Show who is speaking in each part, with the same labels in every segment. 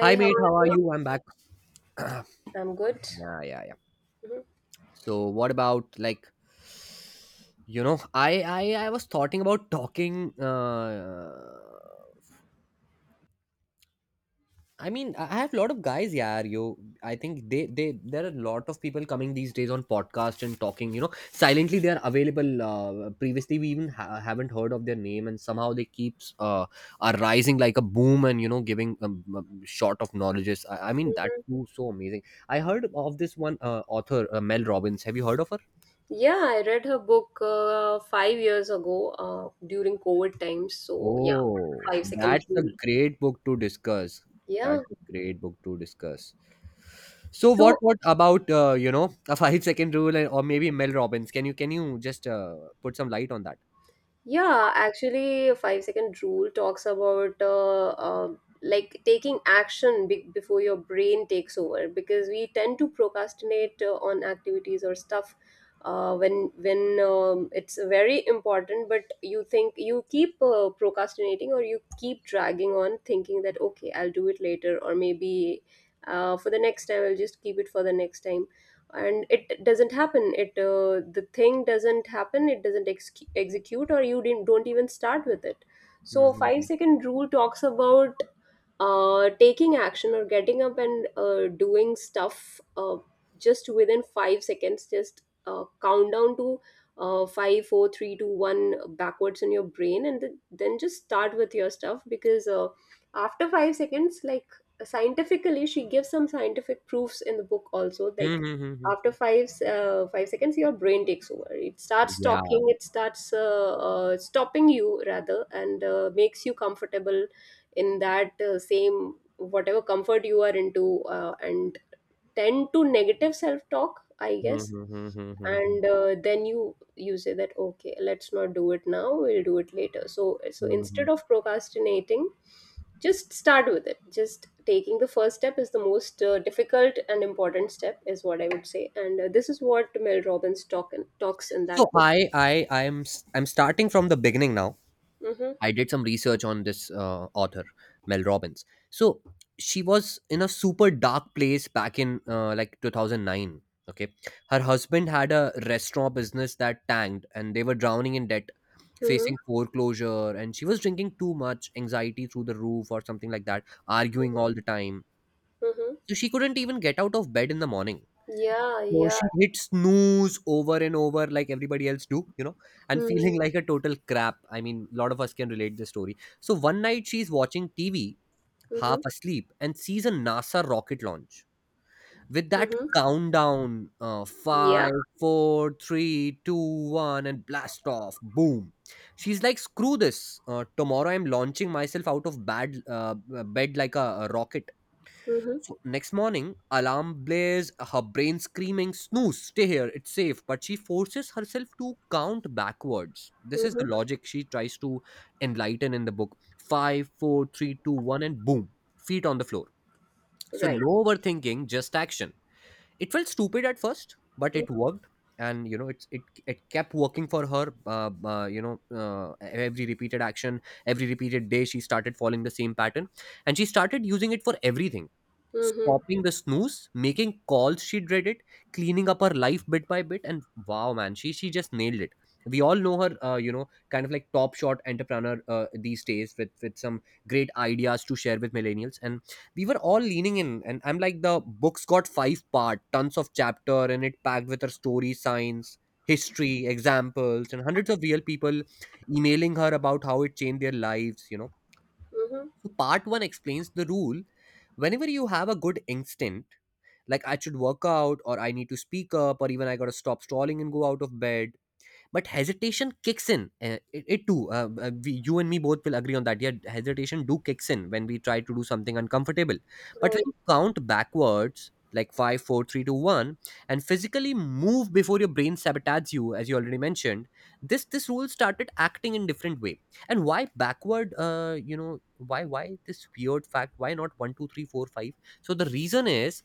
Speaker 1: Hi
Speaker 2: how are
Speaker 1: mate,
Speaker 2: you
Speaker 1: how are
Speaker 2: doing?
Speaker 1: you? I'm back.
Speaker 2: I'm good.
Speaker 1: Yeah, yeah, yeah.
Speaker 2: Mhm,
Speaker 1: So what about like you know I I was talking about talking. I mean I have a lot of guys. Yeah, you. I think they there are a lot of people coming these days on podcast and talking. You know, silently they are available. Previously we even haven't heard of their name, and somehow they keeps are rising like a boom, and you know giving short of knowledges. I mean that's
Speaker 2: mhm.
Speaker 1: too so amazing. I heard of this one author Mel Robbins. Have you heard of her?
Speaker 2: Yeah, I read her book 5 years ago during COVID times. So, yeah,
Speaker 1: Oh,
Speaker 2: 5 second
Speaker 1: that's a
Speaker 2: rule.
Speaker 1: great book to discuss.
Speaker 2: Yeah.
Speaker 1: That's a great book to discuss. So what
Speaker 2: So,
Speaker 1: what about you know a 5-second rule or maybe Mel Robbins? Can you just put some light on that?
Speaker 2: Yeah, actually, 5 second rule talks about like taking action before your brain takes over because we tend to procrastinate on activities or stuff, when it's very important, but you think you keep procrastinating or you keep dragging on, thinking that okay, I'll do it later, or maybe for the next time, I'll just keep it for the next time. And it doesn't happen, it the thing doesn't happen, it doesn't execute, or you didn't don't even start with it. So five
Speaker 1: Mm-hmm.
Speaker 2: second rule talks about taking action or getting up and doing stuff, just within 5 seconds. Just count down to 5, 4, 3, 2, 1 backwards in your brain, and then just start with your stuff, because after 5 seconds, like, scientifically, she gives some scientific proofs in the book also, like
Speaker 1: Mm-hmm.
Speaker 2: after 5 seconds your brain takes over, it starts
Speaker 1: Yeah.
Speaker 2: talking, it starts stopping you rather, and makes you comfortable in that same whatever comfort you are into, and tend to negative self talk, I guess.
Speaker 1: Mhm, mhm, mhm, mhm,
Speaker 2: And then you say that okay, let's not do it now, we'll do it later. So instead
Speaker 1: mhm.
Speaker 2: of procrastinating, just start with it. Just taking the first step is the most difficult and important step, is what I would say. And this is what Mel Robbins talks in
Speaker 1: So
Speaker 2: that book.
Speaker 1: I'm starting from the beginning now.
Speaker 2: Mm-hmm,
Speaker 1: I did some research on this author, Mel Robbins. So she was in a super dark place back in like 2009. Okay. Her husband had a restaurant business that tanked, and they were drowning in debt,
Speaker 2: mm-hmm,
Speaker 1: facing foreclosure. And she was drinking too much, anxiety through the roof or something like that, arguing all the time.
Speaker 2: mm-hmm.
Speaker 1: So she couldn't even get out of bed in the morning.
Speaker 2: Yeah,
Speaker 1: So
Speaker 2: yeah.
Speaker 1: she hit snooze over and over like everybody else do, and feeling
Speaker 2: Mm-hmm,
Speaker 1: like a total crap. I mean, a lot of us can relate this story. So one night she's watching TV, half asleep, and sees a NASA rocket launch. With that
Speaker 2: mm-hmm.
Speaker 1: countdown,
Speaker 2: Yeah.
Speaker 1: five, four, three, two, one, and blast off, boom. She's like, screw this. Tomorrow I'm launching myself out of bad bed like a rocket.
Speaker 2: Mhm,
Speaker 1: So next morning, alarm blares, her brain screaming, snooze, stay here, it's safe. But she forces herself to count backwards. This is the
Speaker 2: mhm.
Speaker 1: logic she tries to enlighten in the book. Five, four, three, two, one, and boom, feet on the floor. So
Speaker 2: Right.
Speaker 1: no overthinking, just action. It felt stupid at first, but it
Speaker 2: Mhm,
Speaker 1: worked. And you know, it kept working for her. Every repeated action, every repeated day, she started following the same pattern, and she started using it for everything.
Speaker 2: mhm,
Speaker 1: Stopping the snooze, making calls she dreaded, cleaning up her life bit by bit, and wow, man, she just nailed it. We all know her, kind of like top shot entrepreneur these days with some great ideas to share with millennials, and we were all leaning in. And I'm like, the book's got five-part, tons of chapter, and it packed with her story, science, history, examples, and hundreds of real people emailing her about how it changed their lives.
Speaker 2: mhm.
Speaker 1: So part one explains the rule. Whenever you have a good instinct, like I should work out, or I need to speak up, or even I gotta stop stalling and go out of bed, but hesitation kicks in. You and me both will agree on that, yeah. Hesitation do kicks in when we try to do something uncomfortable, but when
Speaker 2: Right.
Speaker 1: you count backwards like five, four, three, two, one, and physically move before your brain sabotages you, as you already mentioned, this rule started acting in different way. And why backward? Why this weird fact, why not one, 2, 3, 4, 5? So the reason is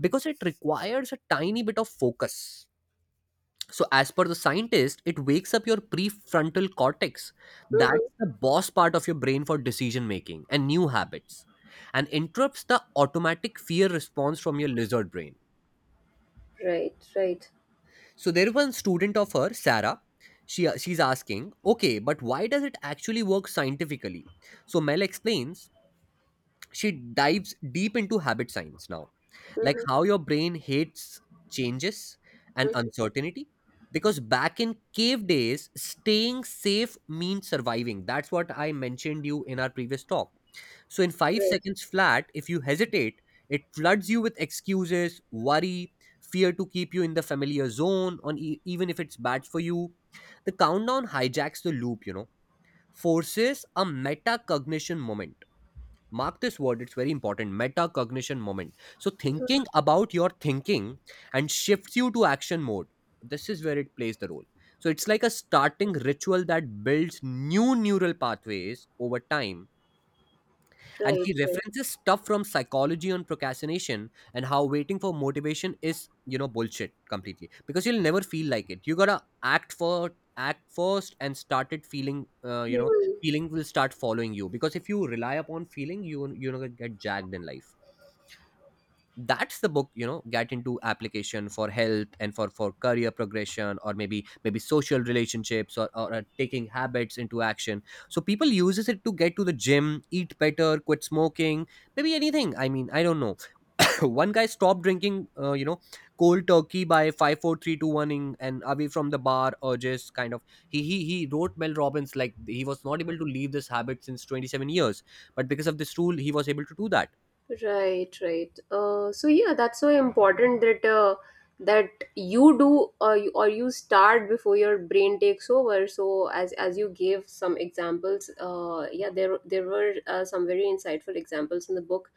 Speaker 1: because it requires a tiny bit of focus. So, as per the scientist, it wakes up your prefrontal cortex.
Speaker 2: Mhm.
Speaker 1: That's the boss part of your brain for decision making and new habits, and interrupts the automatic fear response from your lizard brain.
Speaker 2: Right, right.
Speaker 1: So, there was one student of her, Sarah. She's asking, okay, but why does it actually work scientifically? So Mel explains, she dives deep into habit science now, like
Speaker 2: Mhm,
Speaker 1: how your brain hates changes and
Speaker 2: mhm.
Speaker 1: uncertainty, because back in cave days staying safe means surviving. That's what I mentioned you in our previous talk. So in 5
Speaker 2: Right,
Speaker 1: seconds flat, if you hesitate, it floods you with excuses, worry, fear, to keep you in the familiar zone, even if it's bad for you. The countdown hijacks the loop, forces a metacognition moment. Mark this word, it's very important. Metacognition moment. So thinking about your thinking, and shifts you to action mode. This is where it plays the role. So it's like a starting ritual that builds new neural pathways over time. And
Speaker 2: right,
Speaker 1: she
Speaker 2: right.
Speaker 1: references stuff from psychology on procrastination, and how waiting for motivation is, bullshit completely, because you'll never feel like it. You gotta act for act first and started feeling,
Speaker 2: Hmm.
Speaker 1: feeling will start following you, because if you rely upon feeling you you know get jagged in life. That's the book, get into application for health, and for career progression, or maybe social relationships, or taking habits into action. So people uses it to get to the gym, eat better, quit smoking, maybe anything. I mean, I don't know. One guy stopped drinking, cold turkey, by five, four, three, two, one, in, and away from the bar, or just kind of, he wrote Mel Robbins, like he was not able to leave this habit since 27 years, but because of this rule he was able to do that.
Speaker 2: Right, right. So yeah, that's so important, that that you do or you start before your brain takes over. So as you gave some examples, yeah, there were some very insightful examples in the book.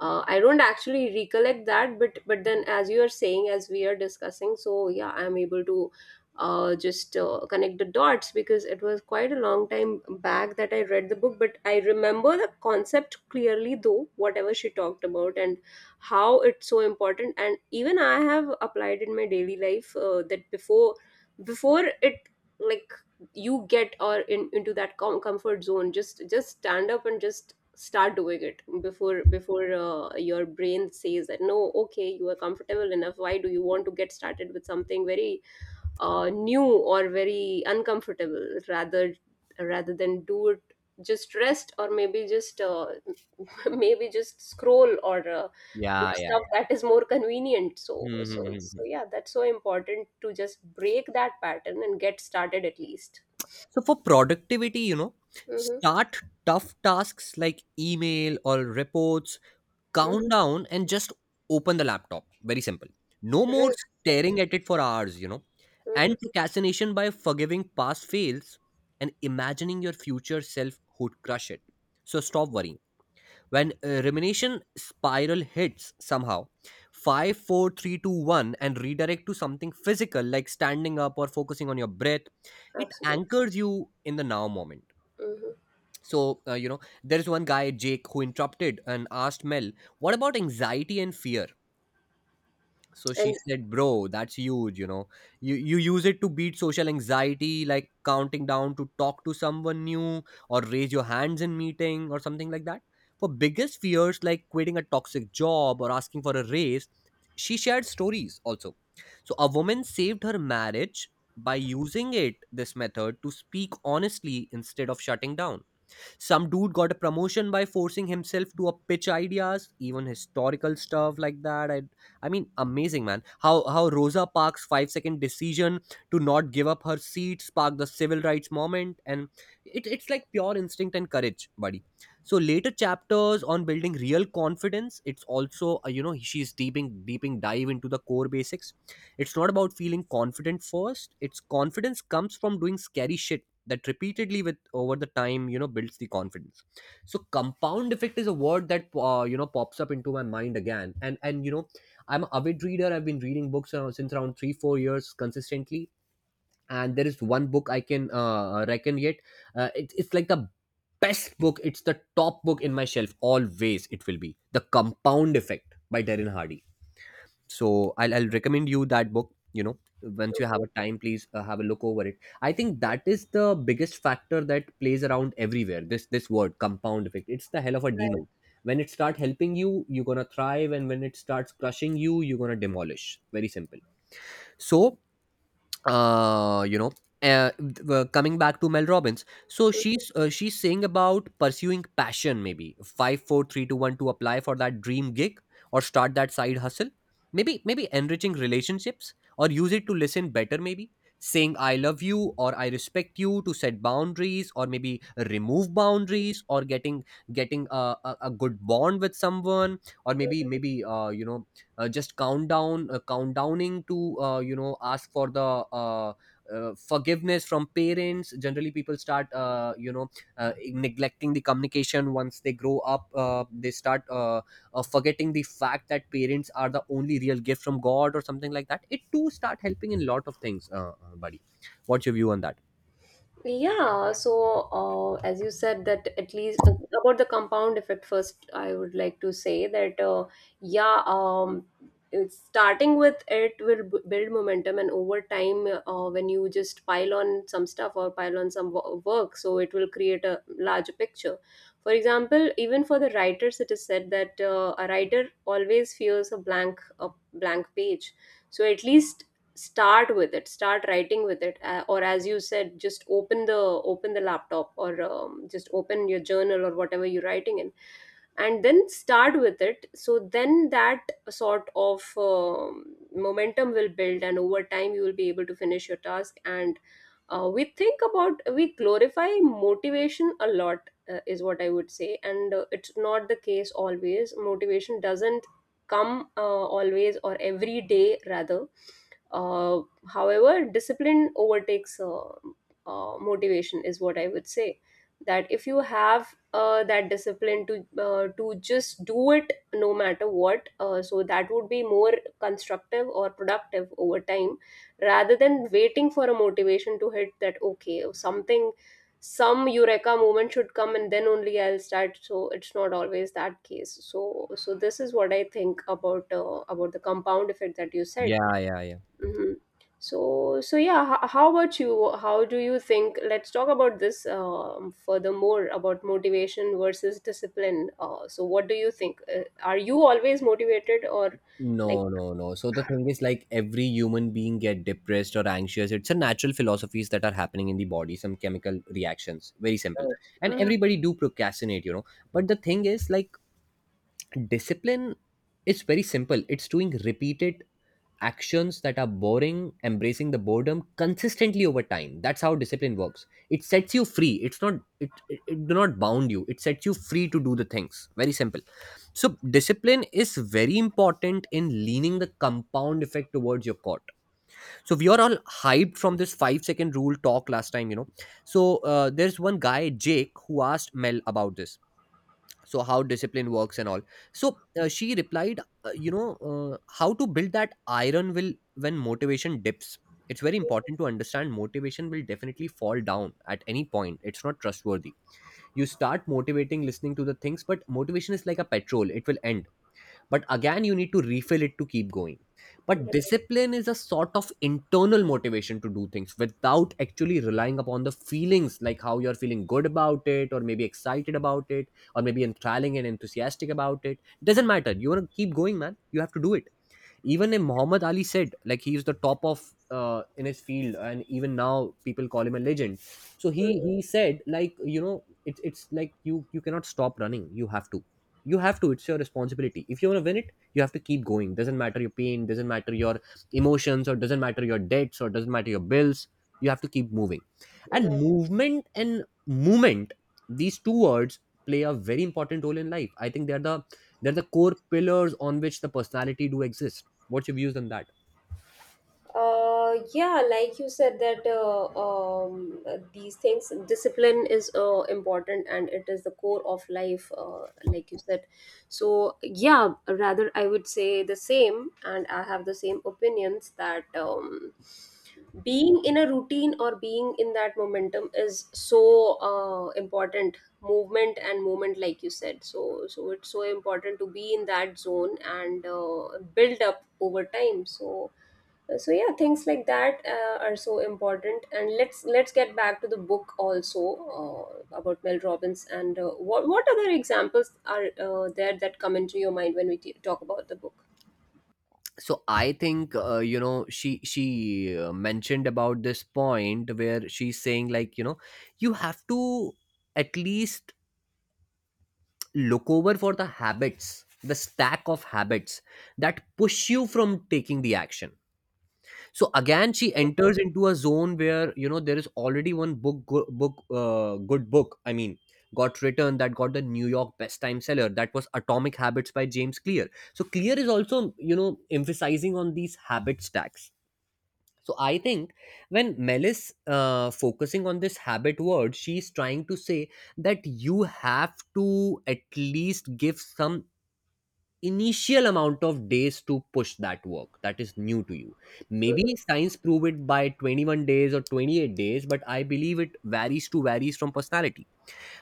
Speaker 2: I don't actually recollect that, but then as you are saying, as we are discussing, so yeah, I'm able to just connect the dots, because it was quite a long time back that I read the book, but I remember the concept clearly, though, whatever she talked about. And how it's so important, and even I have applied in my daily life, that before before it like you get or in into that comfort zone, just stand up and just start doing it before your brain says that, no okay, you are comfortable enough, why do you want to get started with something very new or very uncomfortable, rather than do it, just rest or maybe just maybe just scroll or do
Speaker 1: Yeah,
Speaker 2: stuff that is more convenient. So
Speaker 1: yeah.
Speaker 2: yeah, that's so important, to just break that pattern and get started at least.
Speaker 1: So for productivity,
Speaker 2: Mm-hmm,
Speaker 1: start tough tasks like email or reports, count
Speaker 2: mm-hmm.
Speaker 1: down and just open the laptop. Very simple. No more
Speaker 2: Right, right.
Speaker 1: staring at it for hours.
Speaker 2: Mm-hmm.
Speaker 1: And procrastination by forgiving past fails and imagining your future self would crush it. So stop worrying when rumination spiral hits somehow. Five, four, three, two, one, and redirect to something physical like standing up or focusing on your breath. It
Speaker 2: Absolutely.
Speaker 1: anchors you in the now moment.
Speaker 2: Mm-hmm.
Speaker 1: So there is one guy Jake who interrupted and asked Mel, what about anxiety and fear? So she
Speaker 2: And.
Speaker 1: said, bro, that's huge. You use it to beat social anxiety, like counting down to talk to someone new, or raise your hands in meeting, or something like that. For biggest fears like quitting a toxic job or asking for a raise, she shared stories also. So a woman saved her marriage by using it this method to speak honestly instead of shutting down. Some dude got a promotion by forcing himself to a pitch ideas, even historical stuff like that. I mean, amazing man. How Rosa Parks' 5-second decision to not give up her seat sparked the civil rights movement, and it's like pure instinct and courage, buddy. So later chapters on building real confidence. It's also, she's deeping dive into the core basics. It's not about feeling confident first. It's confidence comes from doing scary shit, that repeatedly with over the time, builds the confidence. So compound effect is a word that pops up into my mind again, and I'm an avid reader. I've been reading books around, since around 3 4 years consistently, and there is one book I can reckon yet. It's like the best book, it's the top book in my shelf, always it will be the Compound Effect by Darren Hardy. So I'll recommend you that book, once you have a time, please have a look over it. I think that is the biggest factor that plays around everywhere. This word compound effect, it's the hell of a
Speaker 2: Right.
Speaker 1: demon. When it start helping you, you're gonna thrive, and when it starts crushing you, you're gonna demolish. Very simple. So uh, you know coming back to Mel Robbins, so
Speaker 2: Mhm.
Speaker 1: she's saying about pursuing passion, maybe 5, 4, 3, 2, 1 to apply for that dream gig, or start that side hustle. Maybe enriching relationships, or use it to listen better, maybe saying I love you or I respect you, to set boundaries, or maybe remove boundaries, or getting a good bond with someone, or maybe maybe you know just countdowning to, ask for the uh, forgiveness from parents. Generally people start uh, neglecting the communication once they grow up. They start forgetting the fact that parents are the only real gift from God, or something like that. It too start helping in lot of things, buddy. What's your view on that?
Speaker 2: Yeah, so as you said, that at least about the compound effect first, I would like to say that yeah, um, it's starting with it will build momentum, and over time, when you just pile on some stuff or pile on some work, so it will create a larger picture. For example, even for the writers, it is said that a writer always fears a blank page. So at least start with it, start writing with it, or as you said, just open the laptop, or just open your journal or whatever you're writing in, and then start with it. So then that sort of momentum will build, and over time you will be able to finish your task. And we think about, we glorify motivation a lot, is what I would say. And it's not the case always, motivation doesn't come always, or every day rather. uh, However, discipline overtakes motivation, is what I would say. That if you have that discipline, to just do it no matter what, so that would be more constructive or productive over time, rather than waiting for a motivation to hit, that okay, something, some eureka moment should come, and then only I'll start. So it's not always that case. So this is what I think about the compound effect that you said.
Speaker 1: Yeah, yeah, yeah.
Speaker 2: Hmm. So yeah, how about you, how do you think? Let's talk about this, furthermore about motivation versus discipline. So what do you think, are you always motivated, or like?
Speaker 1: No, no, no. So the thing is like every human being get depressed or anxious. It's a natural philosophies that are happening in the body, some chemical reactions. Very simple. And
Speaker 2: Mhm.
Speaker 1: everybody do procrastinate, you know. But the thing is like discipline is very simple. It's doing repeated actions that are boring, embracing the boredom consistently over time. That's how discipline works. It sets you free. It's not, it do not bound you. It sets you free to do the things. Very simple. So discipline is very important in leaning the compound effect towards your cause. So we are all hyped from this 5 second rule talk last time, you know. So there's one guy Jake who asked Mel about this, so how discipline works and all. So she replied, you know, how to build that iron will when motivation dips. It's very important to understand motivation will definitely fall down at any point. It's not trustworthy. You start motivating listening to the things, but motivation is like a petrol. It will end, but again you need to refill it to keep going. But discipline is a sort of internal motivation to do things without actually relying upon the feelings like how you're feeling good about it, or maybe excited about it, or maybe enthralling and enthusiastic about it. Doesn't matter, you want to keep going, man, you have to do it. Even a Muhammad Ali said like he is the top of, in his field, and even now people call him a legend. So he said like, you know, it's like you cannot stop running. You have to, you have to. It's your responsibility. If you want to win it, you have to keep going. Doesn't matter your pain, doesn't matter your emotions, or doesn't matter your debts, or doesn't matter your bills. You have to keep moving. And
Speaker 2: Mhm.
Speaker 1: movement and movement, these two words play a very important role in life. I think they are the, they're the core pillars on which the personality do exist. What's your views on that?
Speaker 2: Yeah, like you said that these things, discipline is important, and it is the core of life, like you said. So yeah, rather I would say the same, and I have the same opinions, that being in a routine, or being in that momentum, is so important. Movement and moment, like you said. So it's so important to be in that zone, and build up over time. So yeah, things like that are so important, and let's get back to the book also, about Mel Robbins, and what other examples are there, that come into your mind when we talk about the book.
Speaker 1: So I think, you know, she mentioned about this point where she's saying like, you know, you have to at least look over for the habits, the stack of habits that push you from taking the action. So again she enters into a zone where, you know, there is already one book go- book good book, I mean, got written, that got the New York best time seller. That was Atomic Habits by James Clear. So Clear is also, you know, emphasizing on these habit stacks. So I think when Mel is, focusing on this habit word, she's trying to say that you have to at least give some initial amount of days to push that work that is new to you. Maybe science prove it by 21 days or 28 days, but I believe it varies to varies from personality.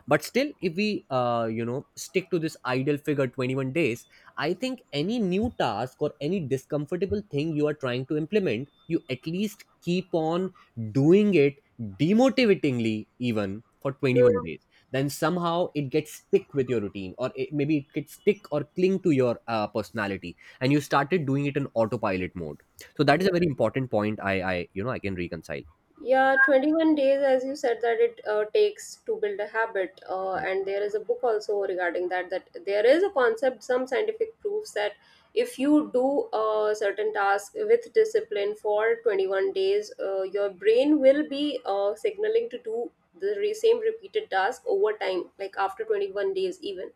Speaker 1: But still if we, you know, stick to this ideal figure 21 days, I think any new task or any discomfortable thing you are trying to implement, you at least keep on doing it demotivatingly even for 21 days. Then somehow it gets stick with your routine, or maybe it gets stick or cling to your personality, and you started doing it in autopilot mode. So that is
Speaker 2: Mhm.
Speaker 1: a very important point I you know I can reconcile.
Speaker 2: Yeah, 21 days, as you said, that it takes to build a habit. And there is a book also regarding that, that there is a concept, some scientific proofs that if you do a certain task with discipline for 21 days, your brain will be signaling to do the same repeated task over time, like after 21 days, even.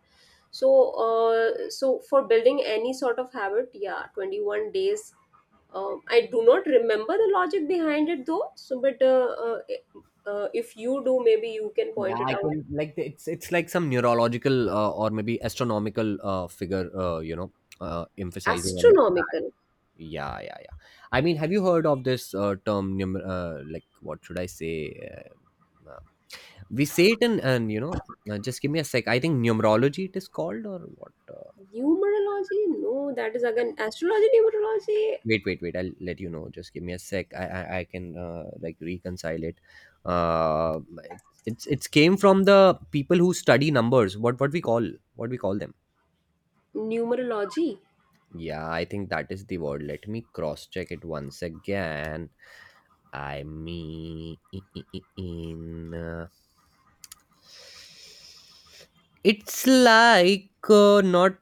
Speaker 2: So, so for building any sort of habit, yeah, 21 days. I do not remember the logic behind it, though. So, but if you do, maybe you can point
Speaker 1: Yeah,
Speaker 2: it
Speaker 1: I
Speaker 2: out.
Speaker 1: can like it's like some neurological or maybe astronomical figure, you know, emphasizing on it.
Speaker 2: Astronomical.
Speaker 1: Yeah, yeah, yeah. I mean, have you heard of this term? Like, what should I say? Uh, uh, we say it in, and you know, just give me a sec. I think numerology it is called, or what?
Speaker 2: Numerology. No, that is again astrology.
Speaker 1: Wait, wait, wait. I'll let you know. Just give me a sec. I can like reconcile it. Uh, it's it's came from the people who study numbers. What we call, what we call them.
Speaker 2: Numerology, numerology.
Speaker 1: Yeah, I think that is the word. Let me cross check it once again. I mean, uh, it's like not.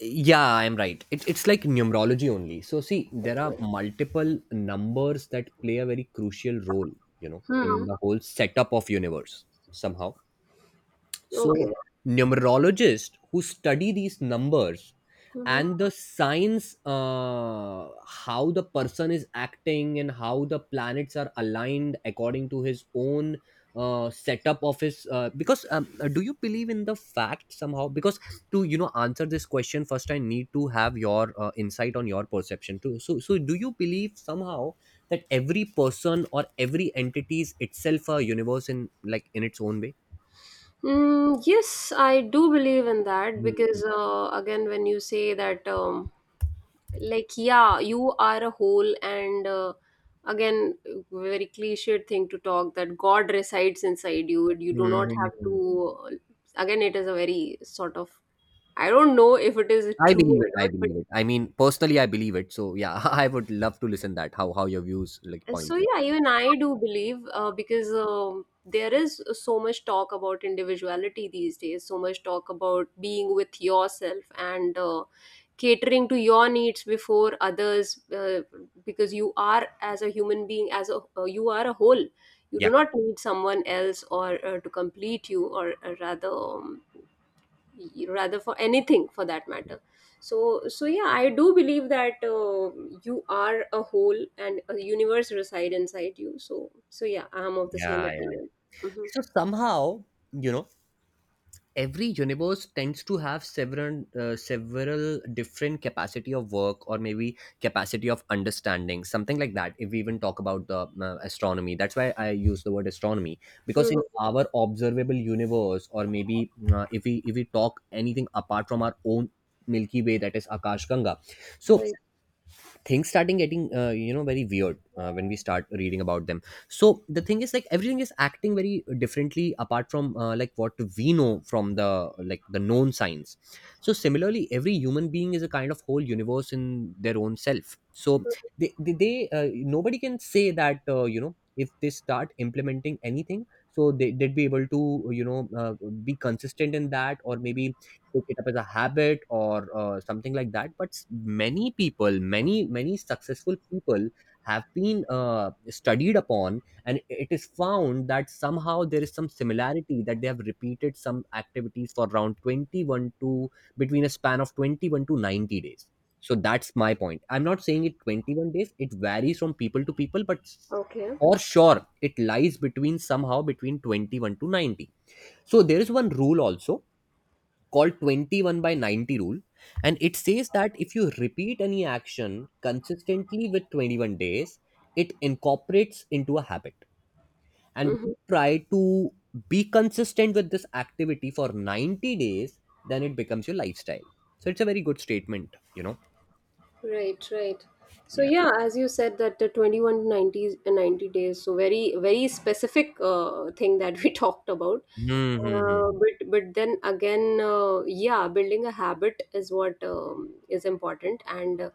Speaker 1: Yeah, I'm right. It's like numerology only. So, see, there are
Speaker 2: Okay.
Speaker 1: multiple numbers that play a very crucial role, you know, in
Speaker 2: Hmm.
Speaker 1: the whole setup of universe somehow. So,
Speaker 2: Okay.
Speaker 1: numerologists who study these numbers
Speaker 2: Mm-hmm.
Speaker 1: and the signs, how the person is acting and how the planets are aligned according to his own setup of his. Because Do you believe in the fact somehow? Because to, you know, answer this question first, I need to have your insight on your perception too. So, so do you believe somehow that every person or every entity is itself a universe in like in its own way?
Speaker 2: Mm, yes, I do believe in that,
Speaker 1: Hmm.
Speaker 2: because again, when you say that. Like, yeah, you are a whole, and again, very cliched thing to talk, that God resides inside you, you do not have
Speaker 1: Mhm.
Speaker 2: to, again, it is a very sort of, I don't know if it is
Speaker 1: I
Speaker 2: true
Speaker 1: believe
Speaker 2: or
Speaker 1: it. I
Speaker 2: not.
Speaker 1: believe it. I mean, personally, I believe it. So yeah, I would love to listen that how your views like
Speaker 2: So
Speaker 1: point to it.
Speaker 2: yeah, even I do believe, because there is so much talk about individuality these days, so much talk about being with yourself, and catering to your needs before others, because you are, as a human being, as a, you are a whole. You do
Speaker 1: Yeah,
Speaker 2: not need someone else, or to complete you, or rather for anything for that matter. So yeah, I do believe that you are a whole, and a universe reside inside you. So yeah, I'm of the same
Speaker 1: yeah, yeah.
Speaker 2: opinion. Mm-hmm.
Speaker 1: So somehow, you know, every universe tends to have several different capacity of work or maybe capacity of understanding, something like that. If we even talk about the astronomy, that's why I use the word astronomy, because in
Speaker 2: Mm-hmm.
Speaker 1: our observable universe, or maybe, if we talk anything apart from our own Milky Way, that is Akash Ganga, so
Speaker 2: Right.
Speaker 1: things starting getting, you know, very weird when we start reading about them. So the thing is like everything is acting very differently apart from, like what we know from the, like the known science. So similarly every human being is a kind of whole universe in their own self. So they nobody can say that, you know, if they start implementing anything, so they'd be able to, you know, be consistent in that, or maybe pick it up as a habit, or something like that. But many people, many successful people have been, studied upon, and it is found that somehow there is some similarity that they have repeated some activities for around 21 to between a span of 21 to 90 days. So that's my point. I'm not saying it 21 days. It varies from people to people, but
Speaker 2: Okay.
Speaker 1: for sure it lies between, somehow, between 21 to 90. So there is one rule also called 21 by 90 rule, and it says that if you repeat any action consistently with 21 days, it incorporates into a habit, and
Speaker 2: Mm-hmm.
Speaker 1: we try to be consistent with this activity for 90 days, then it becomes your lifestyle. So it's a very good statement, you know.
Speaker 2: Right, right. So
Speaker 1: Yeah.
Speaker 2: yeah, as you said, that the 21 to 90, 90 days, so very very specific thing that we talked about.
Speaker 1: Mm-hmm.
Speaker 2: But then again, yeah, building a habit is what is important. And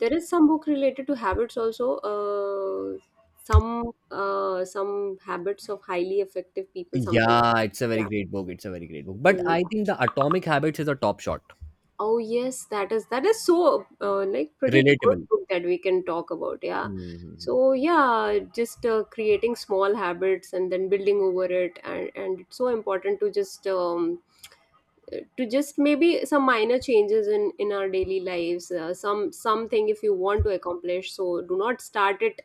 Speaker 2: there is some book related to habits also. Some habits of highly effective people. Something,
Speaker 1: Yeah, it's a
Speaker 2: like
Speaker 1: very
Speaker 2: that.
Speaker 1: great book. It's a very great book, but
Speaker 2: Yeah,
Speaker 1: I
Speaker 2: yeah.
Speaker 1: think the Atomic Habits is a top shot.
Speaker 2: Oh yes, that is so like, pretty good
Speaker 1: Relatable.
Speaker 2: book that we can talk about. Yeah.
Speaker 1: Hmm.
Speaker 2: So yeah, just creating small habits, and then building over it, and it's so important, to just maybe some minor changes in our daily lives. Something if you want to accomplish, so do not start it,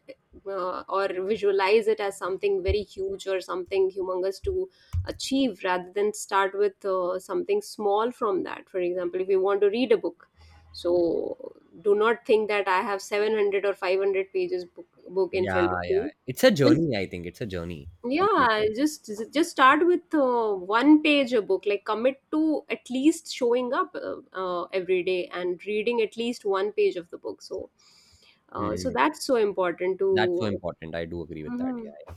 Speaker 2: or visualize it as something very huge or something humongous to achieve, rather than start with something small from that. For example, if you want to read a book, so do not think that I have 700 or 500 pages book, in
Speaker 1: Yeah,
Speaker 2: front of
Speaker 1: yeah.
Speaker 2: me.
Speaker 1: It's a
Speaker 2: Just
Speaker 1: journey. I think it's a journey. Complete.
Speaker 2: Yeah, just start with one page a book, like commit to at least showing up, every day, and reading at least one page of the book. So
Speaker 1: Mm,
Speaker 2: that's so important to.
Speaker 1: that's so important. I do agree with that.
Speaker 2: Mhm.
Speaker 1: Yeah,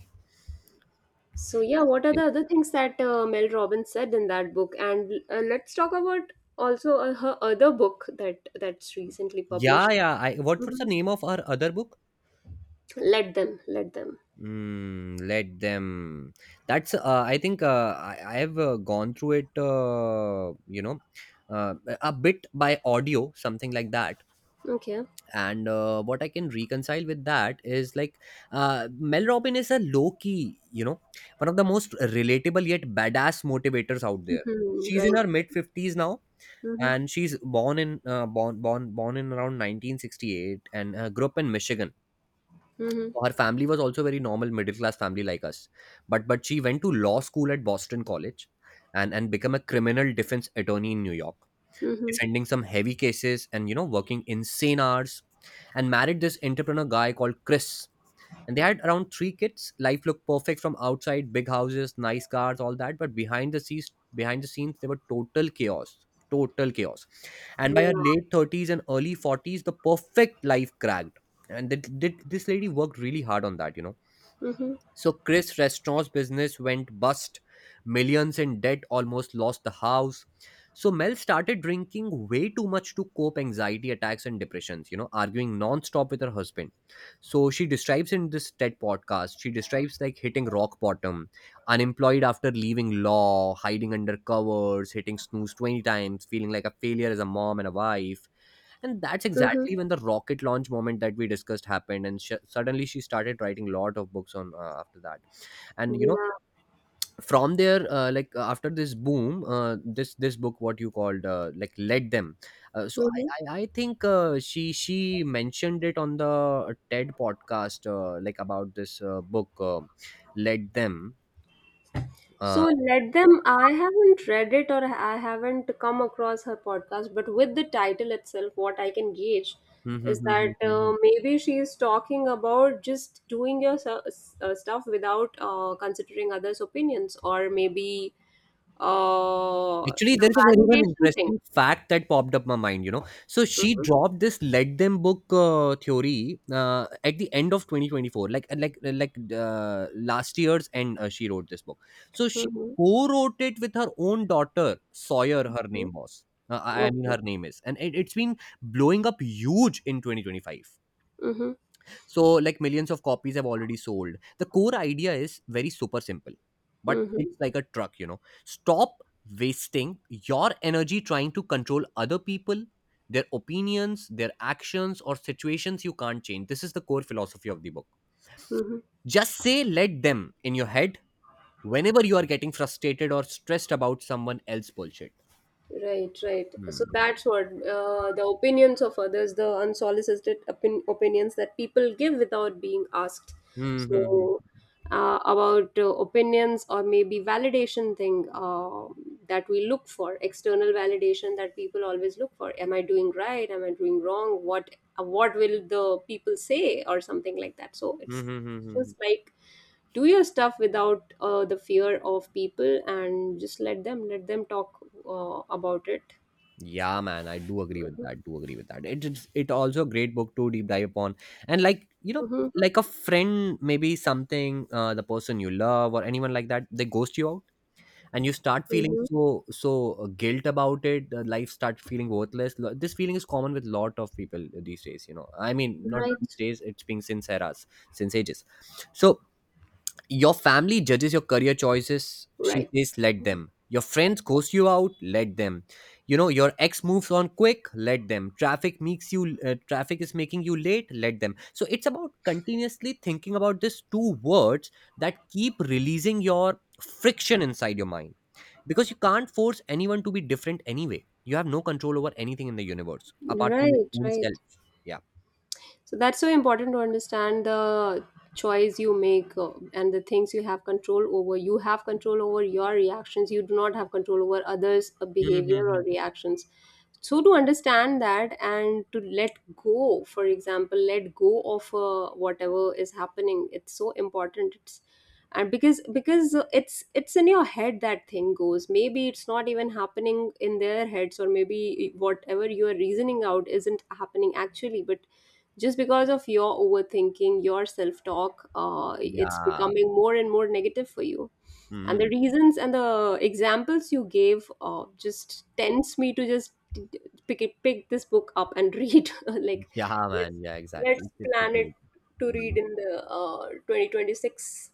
Speaker 2: So yeah, what are
Speaker 1: yeah.
Speaker 2: the other things that Mel Robbins said in that book? And let's talk about also, her other book, that's recently
Speaker 1: Yeah,
Speaker 2: published.
Speaker 1: yeah. I, what was the
Speaker 2: Mhm.
Speaker 1: name of our other book?
Speaker 2: Let them. Let them.
Speaker 1: Mm, let them. That's. I think I have gone through it. You know, uh, a bit by audio, something like that.
Speaker 2: Okay.
Speaker 1: And what I can reconcile with that is like, Mel Robin is a low key, you know, one of the most relatable yet badass motivators out there.
Speaker 2: Hmm.
Speaker 1: She's in
Speaker 2: Right.
Speaker 1: her mid fifties now,
Speaker 2: Hmm.
Speaker 1: and she's born in, born in around 1968, and grew up in Michigan.
Speaker 2: Hmm.
Speaker 1: So her family was also very normal middle class family like us, but she went to law school at Boston College, and become a criminal defense attorney in New York,
Speaker 2: Hmm.
Speaker 1: defending some heavy cases, and, you know, working insane hours, and married this entrepreneur guy called Chris, and they had around three kids. Life looked perfect from outside, big houses, nice cars, all that. But behind the scenes, behind the scenes, they were total chaos, total chaos. And by her
Speaker 2: Yeah.
Speaker 1: late 30s and early 40s, the perfect life cracked, and this lady worked really hard on that, you know. So Chris Restaurant's business went bust, millions in debt, almost lost the house. So Mel started drinking way too much to cope, anxiety attacks and depressions, you know, arguing non-stop with her husband. So she describes in this TED podcast, she describes like hitting rock bottom, unemployed after leaving law, hiding under covers, hitting snooze 20 times, feeling like a failure as a mom and a wife, and that's
Speaker 2: Hmm.
Speaker 1: exactly when the rocket launch moment that we discussed happened. And suddenly she started writing a lot of books on, after that, and you know,
Speaker 2: Yeah.
Speaker 1: from there, after this boom, this this book, what you called, like led them. So I,
Speaker 2: Mhm.
Speaker 1: I i think she mentioned it on the TED podcast, like about this book, led them.
Speaker 2: So,
Speaker 1: Uh,
Speaker 2: let them. I haven't read it, or I haven't come across her podcast, but with the title itself, what I can gauge is that maybe she is talking about just doing your stuff without considering others' opinions, or maybe
Speaker 1: Actually,
Speaker 2: the
Speaker 1: there's a very one
Speaker 2: validation thing.
Speaker 1: interesting fact that popped up my mind, you know. So she
Speaker 2: Mm-hmm.
Speaker 1: dropped this "Let Them" book theory at the end of 2024, like uh, last year's end. She wrote this book, so she
Speaker 2: Mm-hmm.
Speaker 1: co-wrote it with her own daughter Sawyer. Her
Speaker 2: Mm-hmm.
Speaker 1: name was, I mean,
Speaker 2: Okay.
Speaker 1: her name is, and it's been blowing up huge in 2025.
Speaker 2: Mm-hmm.
Speaker 1: So, like millions of copies have already sold. The core idea is very super simple, but it's
Speaker 2: Mm-hmm.
Speaker 1: like a truck, you know. Stop wasting your energy trying to control other people, their opinions, their actions, or situations you can't change. This is the core philosophy of the book.
Speaker 2: Mm-hmm.
Speaker 1: Just say let them in your head whenever you are getting frustrated or stressed about someone else bullshit.
Speaker 2: Right, right. So
Speaker 1: Hmm.
Speaker 2: that's what, the opinions of others, the unsolicited opinions that people give without being asked.
Speaker 1: Hmm, hmm,
Speaker 2: So
Speaker 1: hmm.
Speaker 2: uh, about opinions, or maybe validation thing, that we look for, external validation that people always look for. Am I doing right? Am I doing wrong? What will the people say, or something like that? So
Speaker 1: Hmm,
Speaker 2: it's
Speaker 1: hmm, hmm, hmm, hmm.
Speaker 2: just like, do your stuff without the fear of people, and just let them, let them talk about it.
Speaker 1: Yeah, man, I do agree with that. Do agree with that. It is it also a great book to deep dive upon, and like you know,
Speaker 2: Hmm.
Speaker 1: like a friend, maybe something, the person you love or anyone like that, they ghost you out, and you start feeling
Speaker 2: Hmm.
Speaker 1: so so guilt about it. Life starts feeling worthless. This feeling is common with lot of people these days. You know, I mean, not these
Speaker 2: Right,
Speaker 1: days. It's been since eras, since ages. So your family judges your career choices. She
Speaker 2: right,
Speaker 1: says, let them. Your friends coast you out, let them. You know, your ex moves on quick, let them. Traffic makes you, traffic is making you late, let them. So it's about continuously thinking about these two words that keep releasing your friction inside your mind, because you can't force anyone to be different anyway. You have no control over anything in the universe apart from your
Speaker 2: right,
Speaker 1: own
Speaker 2: right.
Speaker 1: self. Yeah.
Speaker 2: So that's so important, to understand the choice you make, and the things you have control over. You have control over your reactions. You do not have control over others' behavior or
Speaker 1: Mm-hmm.
Speaker 2: reactions. So to understand that, and to let go. For example, let go of whatever is happening. It's so important. It's and because it's in your head that thing goes, maybe it's not even happening in their heads, or maybe whatever you are reasoning out isn't happening actually, but just because of your overthinking, your self talk, it's
Speaker 1: Yeah.
Speaker 2: becoming more and more negative for you. And the
Speaker 1: Hmm.
Speaker 2: reasons and the examples you gave just tends me to just pick this book up and read. Like,
Speaker 1: Yeah,
Speaker 2: let's
Speaker 1: man. Yeah, exactly.
Speaker 2: let's
Speaker 1: It's a
Speaker 2: plan it
Speaker 1: good.
Speaker 2: to read
Speaker 1: Mm,
Speaker 2: in the 2026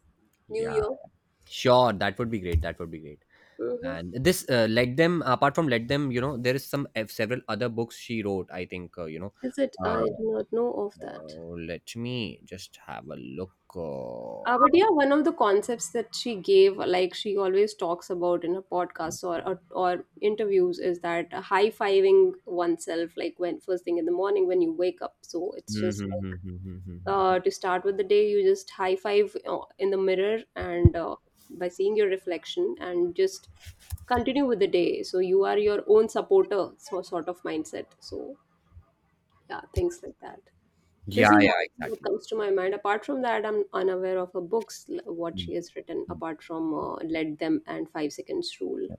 Speaker 2: New
Speaker 1: yeah,
Speaker 2: Year.
Speaker 1: sure. That would be great. That would be great.
Speaker 2: Hmm.
Speaker 1: And this, let them, apart from let them, you know, there is some several other books she wrote. I think, you know,
Speaker 2: Is it?
Speaker 1: uh,
Speaker 2: I do not know of that.
Speaker 1: let me just have a look.
Speaker 2: But yeah, one of the concepts that she gave, like she always talks about in her podcasts, or interviews, is that high fiving oneself, like when first thing in the morning when you wake up. So it's just
Speaker 1: Mhm,
Speaker 2: like,
Speaker 1: mhm, mhm, mhm, mhm.
Speaker 2: to start with the day, you just high five in the mirror, and by seeing your reflection, and just continue with the day. So you are your own supporter, so sort of mindset. So yeah, things like that.
Speaker 1: Yeah,
Speaker 2: This is
Speaker 1: yeah,
Speaker 2: one thing that
Speaker 1: exactly.
Speaker 2: comes to my mind. Apart from that, I'm unaware of her books, what
Speaker 1: Hmm,
Speaker 2: she has written,
Speaker 1: hmm.
Speaker 2: apart from Let Them and 5 Seconds Rule.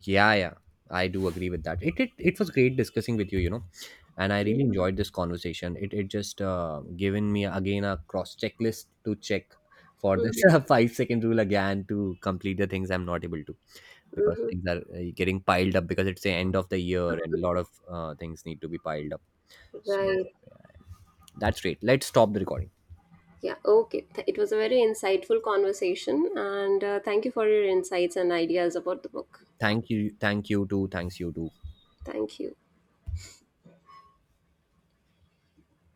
Speaker 1: Yeah, yeah, I do agree with that. It was great discussing with you, you know, and I really
Speaker 2: Mhm,
Speaker 1: enjoyed this conversation. It just given me again a cross checklist to check for this
Speaker 2: mhm,
Speaker 1: 5 second rule again to complete the things I'm not able to, because
Speaker 2: mhm.
Speaker 1: things are getting piled up because it's the end of the year and a lot of things need to be piled up. So
Speaker 2: Right.
Speaker 1: that's great. Let's stop the recording.
Speaker 2: Yeah. Okay. It was a very insightful conversation. And thank you for your insights and ideas about the book. Yeah.
Speaker 1: Thank you too, thanks you too.
Speaker 2: Thank you.